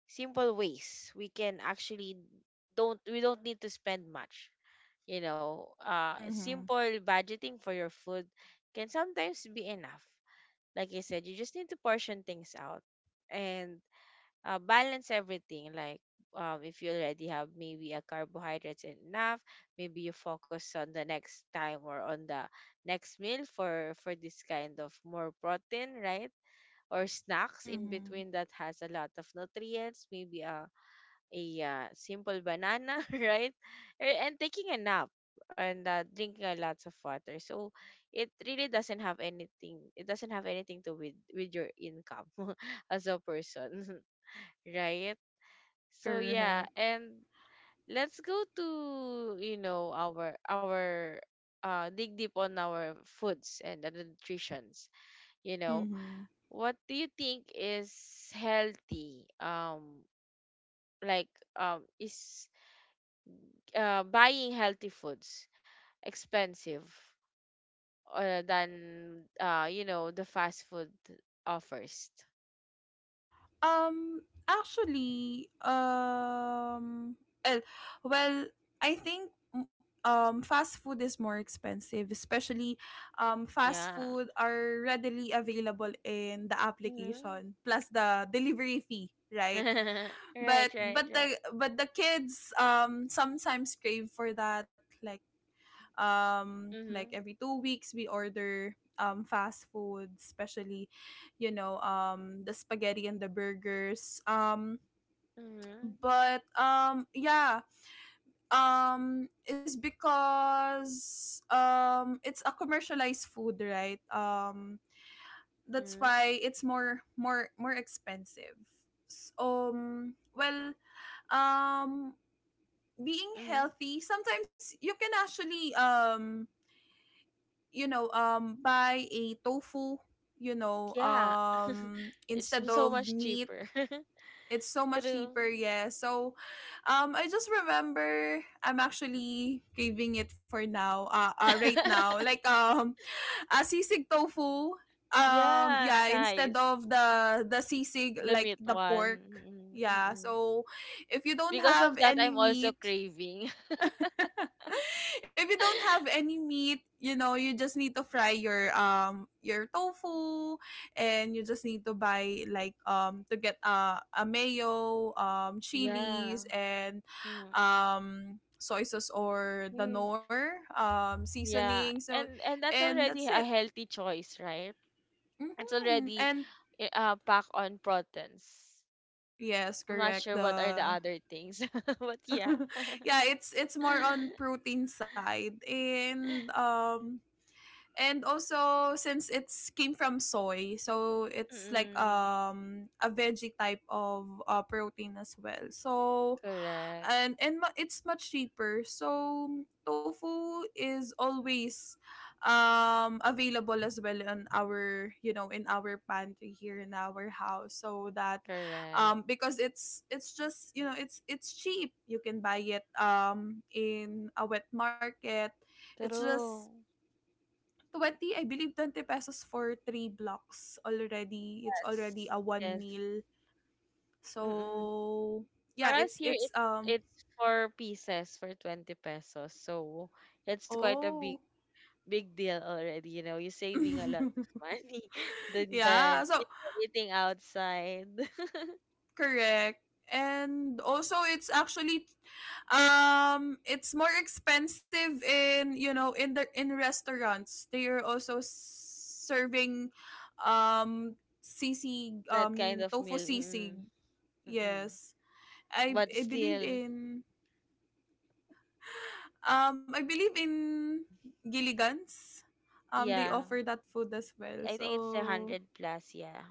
A: ways we can actually don't we don't need to spend much. You know,
B: Mhm.
A: simple budgeting for your food can sometimes be enough. Like I said, you just need to portion things out and balance everything. Like, if you already have maybe a carbohydrates enough, maybe you focus on the next time or on the next meal for this kind of more protein, right? Or snacks in
B: Mhm.
A: between that has a lot of nutrients, maybe a simple banana, right? And taking a nap and drinking a lots of water. So it really doesn't have anything. It doesn't have anything to with your income as a person, right? So yeah,
B: Correct.
A: and let's go to, you know, our dig deep on our foods and the nutritions. You know,
B: Mhm.
A: what do you think is healthy? Um, like is buying healthy foods expensive than, you know, the fast food offers.
B: Um, actually, well, well, I think, fast food is more expensive. Especially fast
A: Yeah.
B: food are readily available in the
A: Mm-hmm.
B: application, plus the delivery fee, right?
A: Right,
B: But
A: right,
B: but
A: right.
B: the but the kids sometimes crave for that,
A: Mm-hmm.
B: like every 2 weeks we order fast food, especially, you know, the spaghetti and the burgers.
A: Mm-hmm.
B: But yeah, it's because it's a commercialized food, right? That's
A: Mm-hmm.
B: why it's more expensive. Well, um being
A: Mm-hmm.
B: healthy, sometimes you can actually, you know, buy a tofu, you know,
A: Yeah.
B: instead
A: So
B: of
A: much
B: meat.
A: cheaper.
B: It's so much
A: True.
B: cheaper, yeah. So, I just remember I'm actually craving it for now. Right now, like, a sisig tofu.
A: Yeah,
B: Yeah, instead
A: nice.
B: of the sisig,
A: The
B: like
A: meat
B: the
A: one.
B: pork. Yeah.
A: Mm-mm.
B: So, if you don't
A: Because of
B: have
A: that,
B: any
A: I'm also
B: meat,
A: craving.
B: if you don't have any meat, you know, you just need to fry your tofu, and you just need to buy, like, to get, a mayo,
A: Yeah.
B: chilies, and
A: Mm-hmm.
B: soy sauce or danor seasoning.
A: Yeah,
B: So
A: and that's
B: and that's
A: already
B: it.
A: a healthy choice, right? It's
B: Mhm.
A: already
B: And
A: pack on proteins.
B: yes,
A: I'm not
B: correct.
A: sure what are the
B: The
A: other things, but yeah.
B: yeah, it's more on protein side. And and also, since it's came from soy, so it's like,
A: Mm,
B: a veggie type of protein as well. So
A: correct,
B: and it's much cheaper. So tofu is always available as well on our, you know, in our pantry, here in our house. So that
A: correct.
B: because it's just, you know, it's cheap. You can buy it in a wet market. It's just
A: True.
B: 20, I believe 20 pesos for three blocks already. It's already
A: Yes,
B: a one
A: yes.
B: meal.
A: Mm-mm.
B: So
A: For
B: yeah,
A: us here,
B: it's
A: it's four pieces for 20 pesos, so it's quite a
B: oh.
A: big deal already. You know, you're saving a lot of money than
B: Yeah,
A: you
B: so
A: know, eating outside.
B: correct. And also it's actually, it's more expensive in, you know, in the, in restaurants. They are also serving um sisig,
A: That
B: I
A: kind
B: mean
A: of
B: tofu
A: meal.
B: sisig.
A: Mm-mm. Mm-mm.
B: Yes. I
A: But
B: I believe
A: still,
B: in I believe in Gilligan's. They
A: yeah,
B: offer that food as well.
A: I think it's a
B: So,
A: hundred plus, yeah.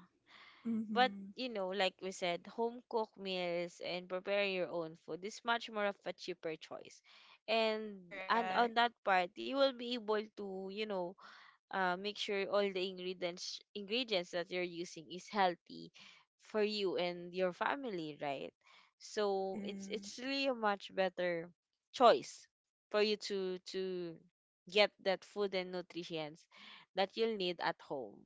A: But
B: mm-hmm.
A: you know, like we said, home cooked meals and preparing your own food is much more of a cheaper choice. And
B: Correct.
A: on that part, you will be able to, you know, make sure all the ingredients that you're using is healthy for you and your family, right? So
B: Mm-hmm.
A: it's really a much better choice for you to get that food and nutrients that you'll need at home.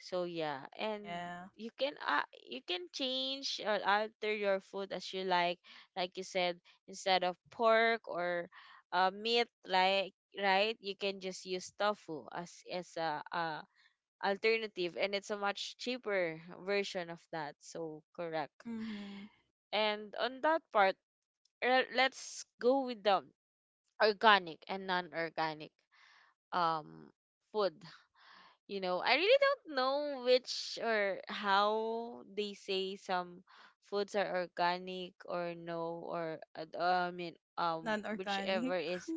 A: So yeah, and
B: Yeah.
A: you can uh, you can change or alter your food as you like. Like you said, instead of pork or meat, like, right, you can just use tofu as a, alternative, and it's a much cheaper version of that. So correct.
B: Mm-hmm.
A: And on that part, let's go with the organic and non-organic um food. You know, I really don't know which or how they say some foods are organic or no or, I mean, whichever
B: Non-organic.
A: is,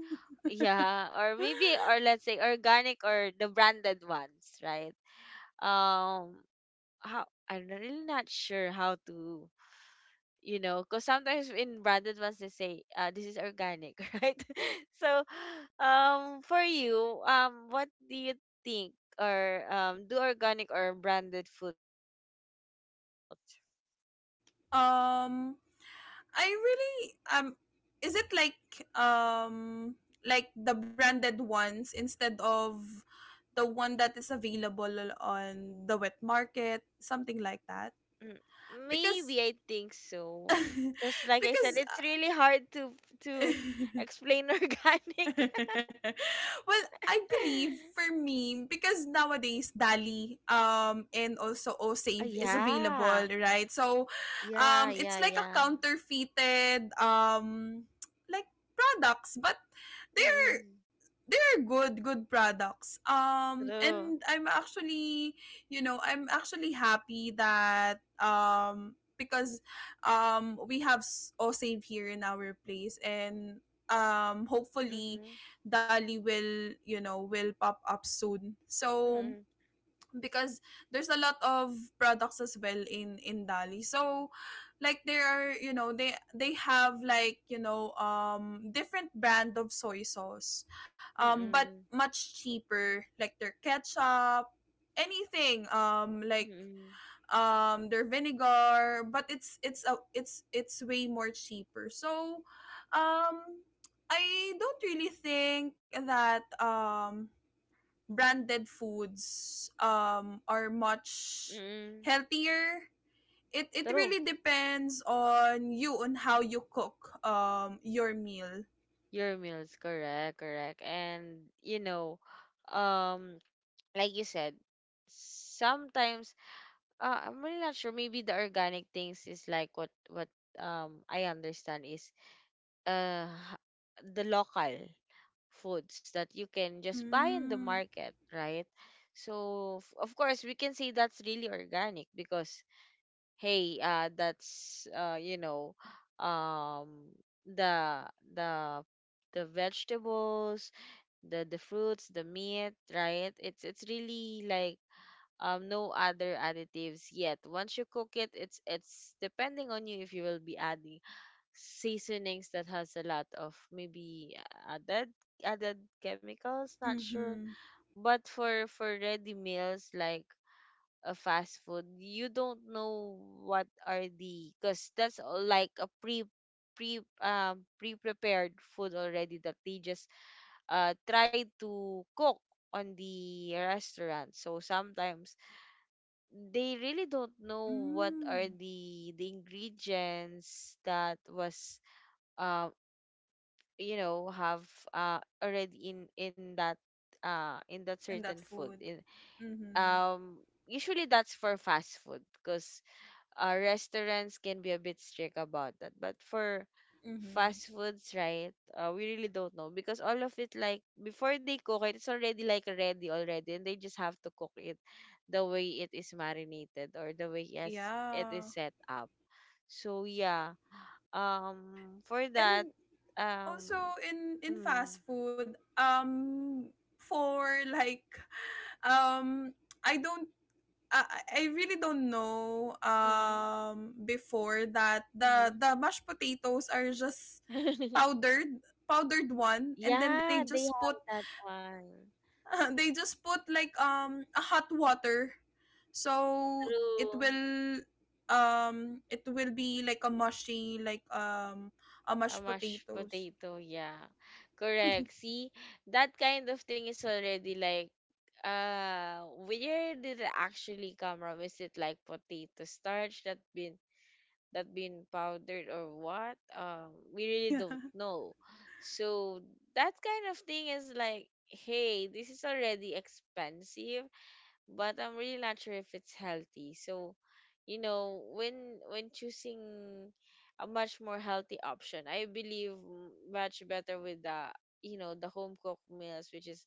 A: yeah, or maybe, or let's say organic or the branded ones, right? um how, I'm really not sure how to, you know, because sometimes in branded ones they say, this is organic, right? So for you, what do you think, or do organic or branded foods really matter for health?
B: Um, I really, is it um like the branded ones instead of the one that is available on the wet market, something like that?
A: Mm, maybe
B: Because
A: I think so, because like I said,
B: because
A: it's really hard to to explain organic.
B: well, I believe for me, because nowadays Dali and also OSave is
A: Yeah.
B: available, right? So,
A: Yeah,
B: it's
A: yeah,
B: like a
A: yeah.
B: counterfeited like products, but they're
A: Mm-mm.
B: they're good good products.
A: True.
B: And I'm actually you know, I'm actually happy that, because we have OSave here in our place, and hopefully
A: Mm-hmm.
B: Dali will, you know, will pop up soon. So
A: Mm-mm.
B: because there's a lot of products as well in Dali. So like there are, you know, they have like, you know, different brand of soy sauce. Um, but
A: Mm-mm.
B: much cheaper, like their ketchup, anything like
A: Mm-mm.
B: their vinegar, but it's it's way more cheaper. So, um I don't really think that branded foods are much
A: Mm-mm.
B: healthier. It
A: True.
B: really depends on you on how you cook your meal.
A: Your meals, correct, correct. And you know, um, like you said, sometimes I'm really not sure. Maybe the organic things is like what I understand is uh the local foods that you can just buy in the
B: Mm.
A: market, right? So, of course we can say that's really organic because, hey, that's, you know, um, the the the vegetables, the fruits, the meat, right? It's really like no other additives yet. Once you cook it, it's depending on you if you will be adding seasonings that has a lot of maybe added chemicals, not sure.
B: Mhm.
A: But for ready meals like a fast food, you don't know what are the, because that's all like a pre pre-prepared food already, that they just try to cook on the restaurant. So sometimes they really don't know what are
B: Mm.
A: the ingredients that was uh you know, have already in that
B: And
A: certain
B: that
A: food
B: food.
A: in
B: Mhm.
A: um usually that's for fast food, because restaurants can be a bit strict about that, but for
B: Mhm.
A: fast foods, right, we really don't know because all of it, like before they cook it, it's already like ready already and they just have to cook it the way it is marinated or the way, yes, it is
B: Yeah.
A: set up. So yeah, for that,
B: And also
A: um
B: in
A: mm,
B: fast food, for like um I don't, I really don't know,
A: mm,
B: before, that
A: mhm.
B: the mashed potatoes are just powdered, powdered one, and then they
A: Yeah, they
B: just put
A: have that one.
B: they just put like a hot water, so
A: True.
B: it will be like a mushy, like a
A: A
B: mashed
A: mashed
B: potatoes.
A: potato, yeah. Correct. See, that kind of thing is already like, where did it actually come from? Is it like potato starch that been powdered or what? We really
B: Yeah.
A: don't know. So that kind of thing is like, hey, this is already expensive, but I'm really not sure if it's healthy. So, you know, when choosing a much more healthy option, I believe much better with the, you know, the home cooked meals, which is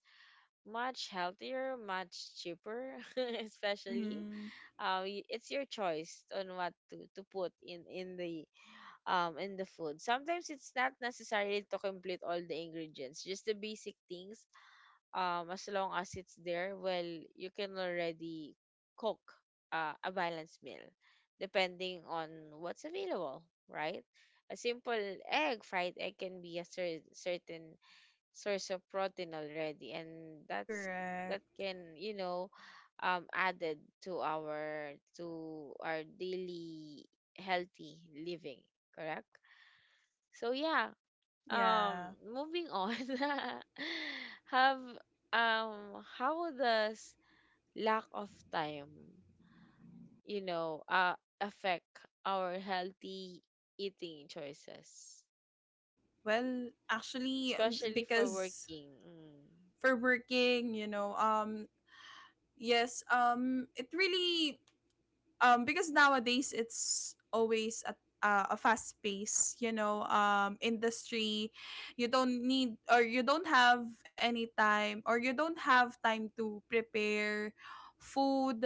A: much healthier, much cheaper, especially.
B: Mm-hmm.
A: It's your choice on what to, put in the food. Sometimes it's not necessary to complete all the ingredients, just the basic things, as long as it's there, well, you can already cook a balanced meal depending on what's available, right? A simple egg, fried egg, can be a certain source of protein already, and that's that
B: Correct.
A: can, you know, added to our daily healthy living, correct? So yeah, um
B: Yeah.
A: moving on. Have um how does lack of time, you know, affect our healthy eating choices,
B: Well, actually,
A: especially for
B: because,
A: working. Mm.
B: for working, you know, yes, it really, because nowadays it's always a, a fast pace, you know, industry. You don't need, or you don't have any time, or you don't have time to prepare food.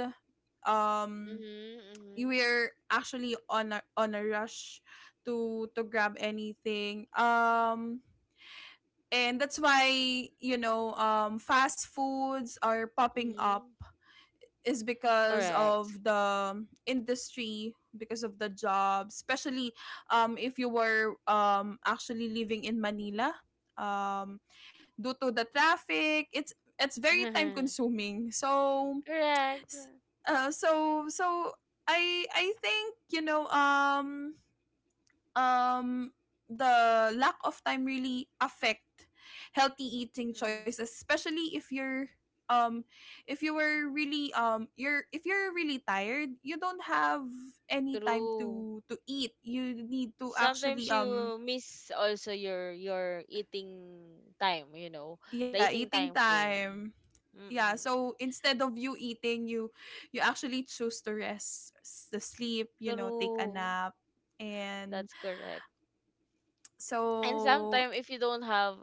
B: Um,
A: Mhm,
B: you
A: mhm,
B: were actually on a, on a rush to grab anything. And that's why, you know, fast foods are popping up,
A: mhm.
B: is because
A: Correct.
B: of the industry, because of the jobs. Especially if you were actually living in Manila, um due to the traffic, it's very time consuming. So
A: Correct.
B: s- so I think, you know, um the lack of time really affect healthy eating
A: Mm.
B: choices, especially if you're, um if you were really, you're, if you're really tired, you don't have any time
A: True.
B: to eat. You need to
A: Sometimes
B: actually, um,
A: you miss also your eating time, you know, the
B: yeah,
A: eating
B: eating
A: time frame.
B: time. Yeah,
A: Mm.
B: so instead of you eating, you actually choose to rest, to sleep, you know, take a
A: True.
B: nap and
A: That's correct. And
B: so.
A: sometimes if you don't have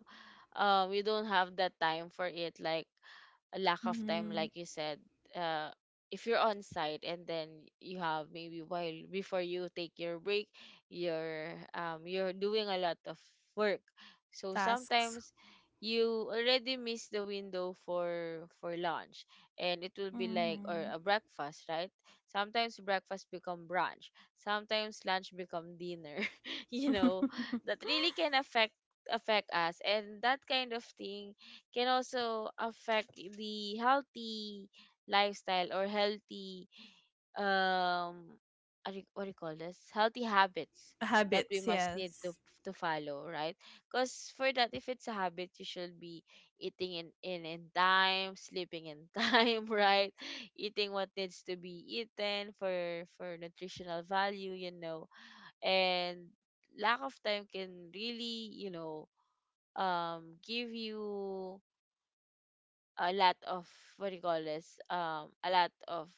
A: you don't have that time for it, like a lack of time,
B: Mhm,
A: like you said, uh, if you're on site and then you have maybe while before you take your break, you're doing a lot of work. So
B: tasks.
A: sometimes you already miss the window for lunch and it will be like, or
B: Mhm.
A: a breakfast, right? Sometimes breakfast become brunch, sometimes lunch become dinner, you know, that really can affect us, and that kind of thing can also affect the healthy lifestyle or healthy um what do you, what do you call this, healthy habits that we
B: Habits,
A: must need to
B: yes.
A: follow, right? Because for that, if it's a habit, you should be eating in time, sleeping in time, right? Eating what needs to be eaten for nutritional value, you know, and lack of time can really, you know, give you a lot of, what do you call this, a lot of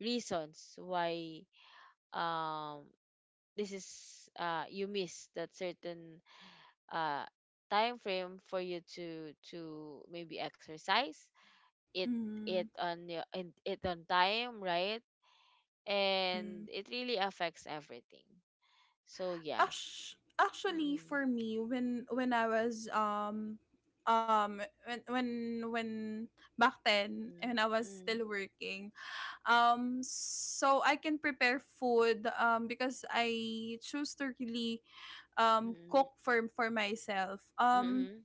A: reasons why um this is, you miss that certain uh time frame for you to maybe exercise it it
B: Mhm.
A: on your, and it on time, right? And
B: Mhm.
A: it really affects everything. So yeah.
B: Actu- Actually,
A: Mm-mm,
B: for me, when when back then when
A: mm,
B: I was
A: mm,
B: still working, so I can prepare food because I choose to really
A: mm,
B: cook for myself. Um,
A: mm,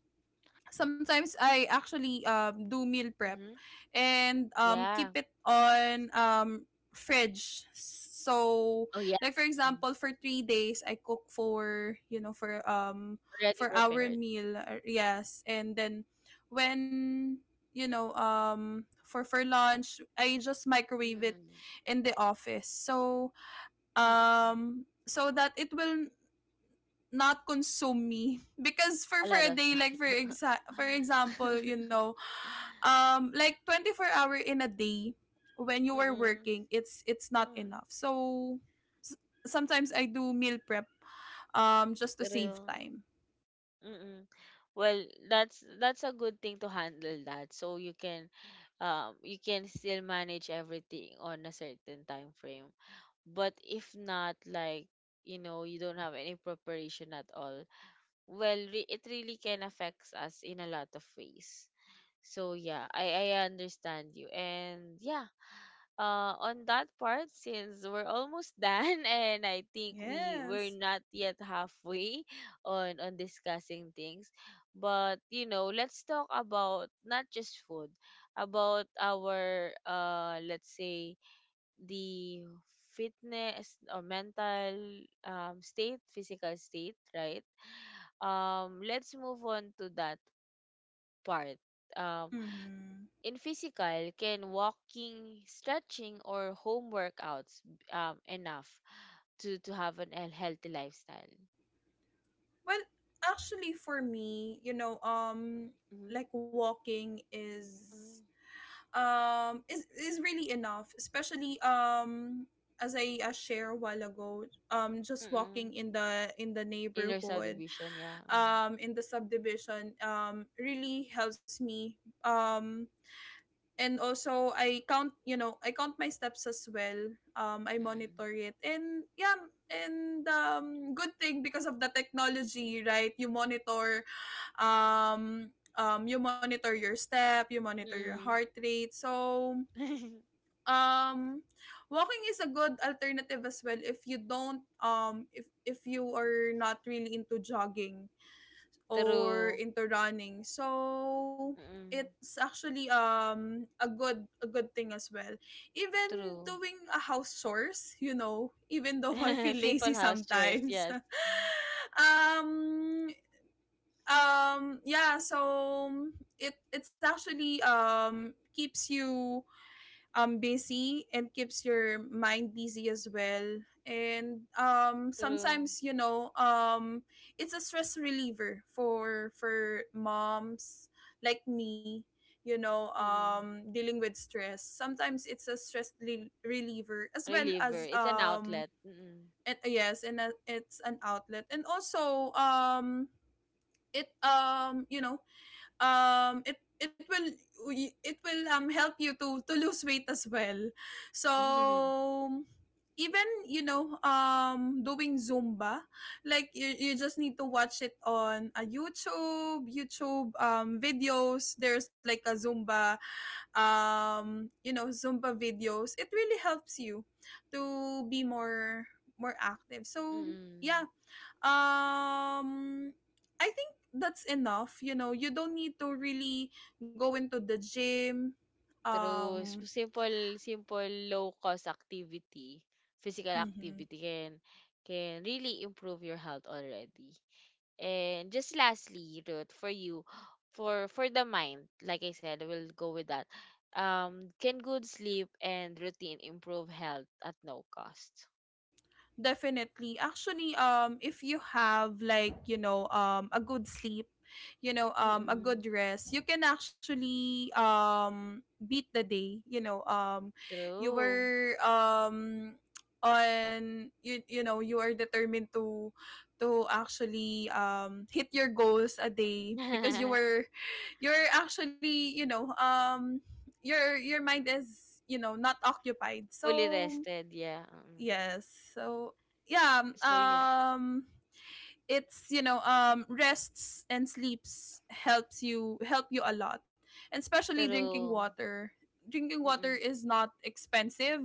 B: sometimes I actually do meal prep,
A: mm,
B: and
A: yeah.
B: keep it on fridge. So,
A: Oh yeah.
B: like, for
A: Mm.
B: example, for 3 days I cook for, you know, for
A: Already
B: our
A: prepared.
B: meal, yes. And then when, you know, for lunch I just microwave it
A: Mm.
B: in the office. So
A: Mm.
B: so that it will not consume me. Because for
A: A
B: for
A: lot
B: a
A: of
B: day, like for example, you know, like 24 hour in a day, when you are
A: Mm-mm.
B: working, it's not
A: Mm.
B: enough. So s- sometimes I do meal prep, just to save
A: True.
B: time.
A: Mm-mm. Well, that's a good thing to handle that. So you can still manage everything on a certain time frame. But if not, like, you know, you don't have any preparation at all, well, it really can affects us in a lot of ways. So yeah, I understand you. And yeah, on that part, since we're almost done and I think we we're
B: Yes.
A: not yet halfway on discussing things, but you know, let's talk about not just food, about our let's say the fitness or mental state, physical state, right? Let's move on to that part. um
B: Mm-hmm.
A: in physical, can walking, stretching, or home workouts, enough to have an a healthy lifestyle?
B: Well, actually, for me, you know,
A: Mm-hmm.
B: like walking is,
A: Mm.
B: is really enough. Especially as I, share a while ago, just walking
A: Mm-mm.
B: in the, in the
A: Inner
B: neighborhood,
A: subdivision, yeah. Mm.
B: in the subdivision, really helps me. um and also I count, you know, I count my steps as well, I monitor it. And yeah, and good thing, because of the technology, right? You monitor, um you monitor your step, you monitor your
A: Mm-mm.
B: heart rate, so, um walking is a good alternative as well, if you don't, if you are not really into jogging or
A: True,
B: into running. So
A: mm,
B: it's actually a good, a good thing as well. Even
A: true.
B: doing a house chores, you know, even though I feel
A: Simple
B: lazy
A: house chores,
B: sometimes.
A: yes.
B: um yeah, so it it's actually keeps you busy, and keeps your mind busy as well. And
A: True.
B: sometimes, you know, it's a stress reliever for moms like me, you know,
A: Mm.
B: dealing with stress. Sometimes it's a stress reliever as well,
A: Reliever.
B: as
A: It's an outlet. Mm-mm.
B: and yes, and a, it's an outlet. And also it, you know, it it will, it will help you to lose weight as well. So
A: Mm-mm.
B: even, you know, doing zumba, like, you just need to watch it on a YouTube, videos. There's like a zumba, you know, zumba videos. It really helps you to be more, more active. So yeah, um I think that's enough. You know, you don't need to really go into the gym.
A: True.
B: um
A: Simple, simple low cost activity, physical
B: mhm.
A: activity can really improve your health already. And just lastly, Ruth, for you, for the mind, like I said, we'll go with that. Can good sleep and routine improve health at no cost?
B: Definitely. Actually, if you have, like, you know, a good sleep, you know, a
A: Mm-mm.
B: good rest, you can actually beat the day. You know, you
A: True.
B: were on, you know, you are determined to actually hit your goals a day because you were, you're actually, you know, your mind is, you know, not occupied.
A: Fully
B: So
A: rested, yeah. Mm.
B: yes. So yeah,
A: So yeah,
B: it's, you know, rests and sleeps helps you, help you a lot. And especially drinking
A: true.
B: water. Drinking water
A: Mm-mm.
B: is not expensive,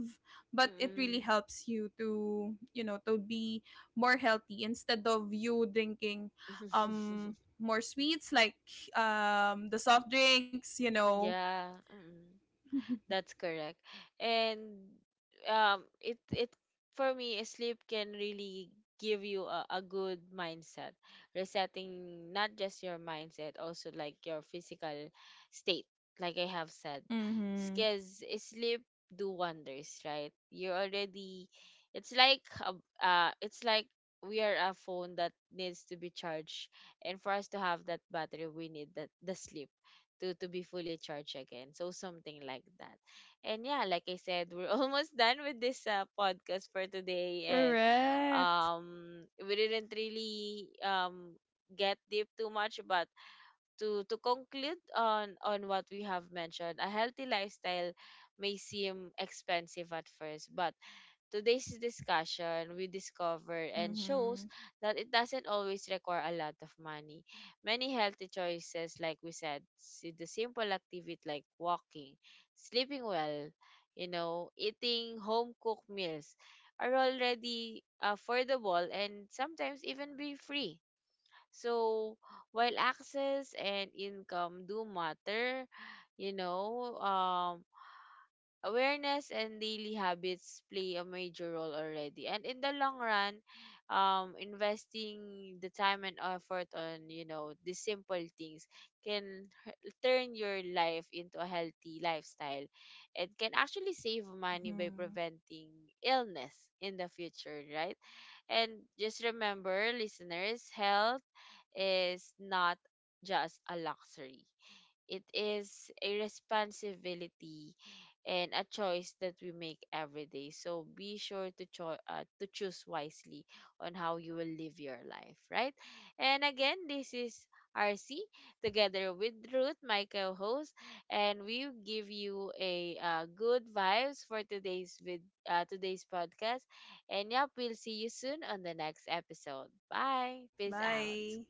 B: but it really
A: Mm-mm.
B: helps you to, you know, to be more healthy, instead of you drinking more sweets, like the soft drinks, you know.
A: Yeah, mm. That's correct. And it for me, sleep can really give you a good mindset, resetting not just your mindset, also like your physical state, like I have said.
B: Mhm.
A: Because sleep do wonders, right? You're already, it's like a, it's like we are a phone that needs to be charged, and for us to have that battery, we need that the sleep to be fully charged again, so something like that. And yeah, like I said, we're almost done with this podcast for today. And
B: Correct.
A: we didn't really get deep too much, but to conclude on what we have mentioned, a healthy lifestyle may seem expensive at first, but today's discussion, we discover and shows
B: Mhm.
A: that it doesn't always require a lot of money. Many healthy choices, like we said, the simple activity like walking, sleeping well, you know, eating home cooked meals are already affordable and sometimes even be free. So while access and income do matter, you know, awareness and daily habits play a major role already, and in the long run, investing the time and effort on, you know, the simple things can turn your life into a healthy lifestyle. It can actually save money by
B: Mhm.
A: preventing illness in the future, right? And just remember, listeners, health is not just a luxury, it is a responsibility and a choice that we make every day. So be sure to to choose wisely on how you will live your life, right? And again, this is RC together with Ruth, my co-host, and we give you a good vibes for today's with today's podcast. And yep, we'll see you soon on the next episode. Bye. Peace out.
B: Bye.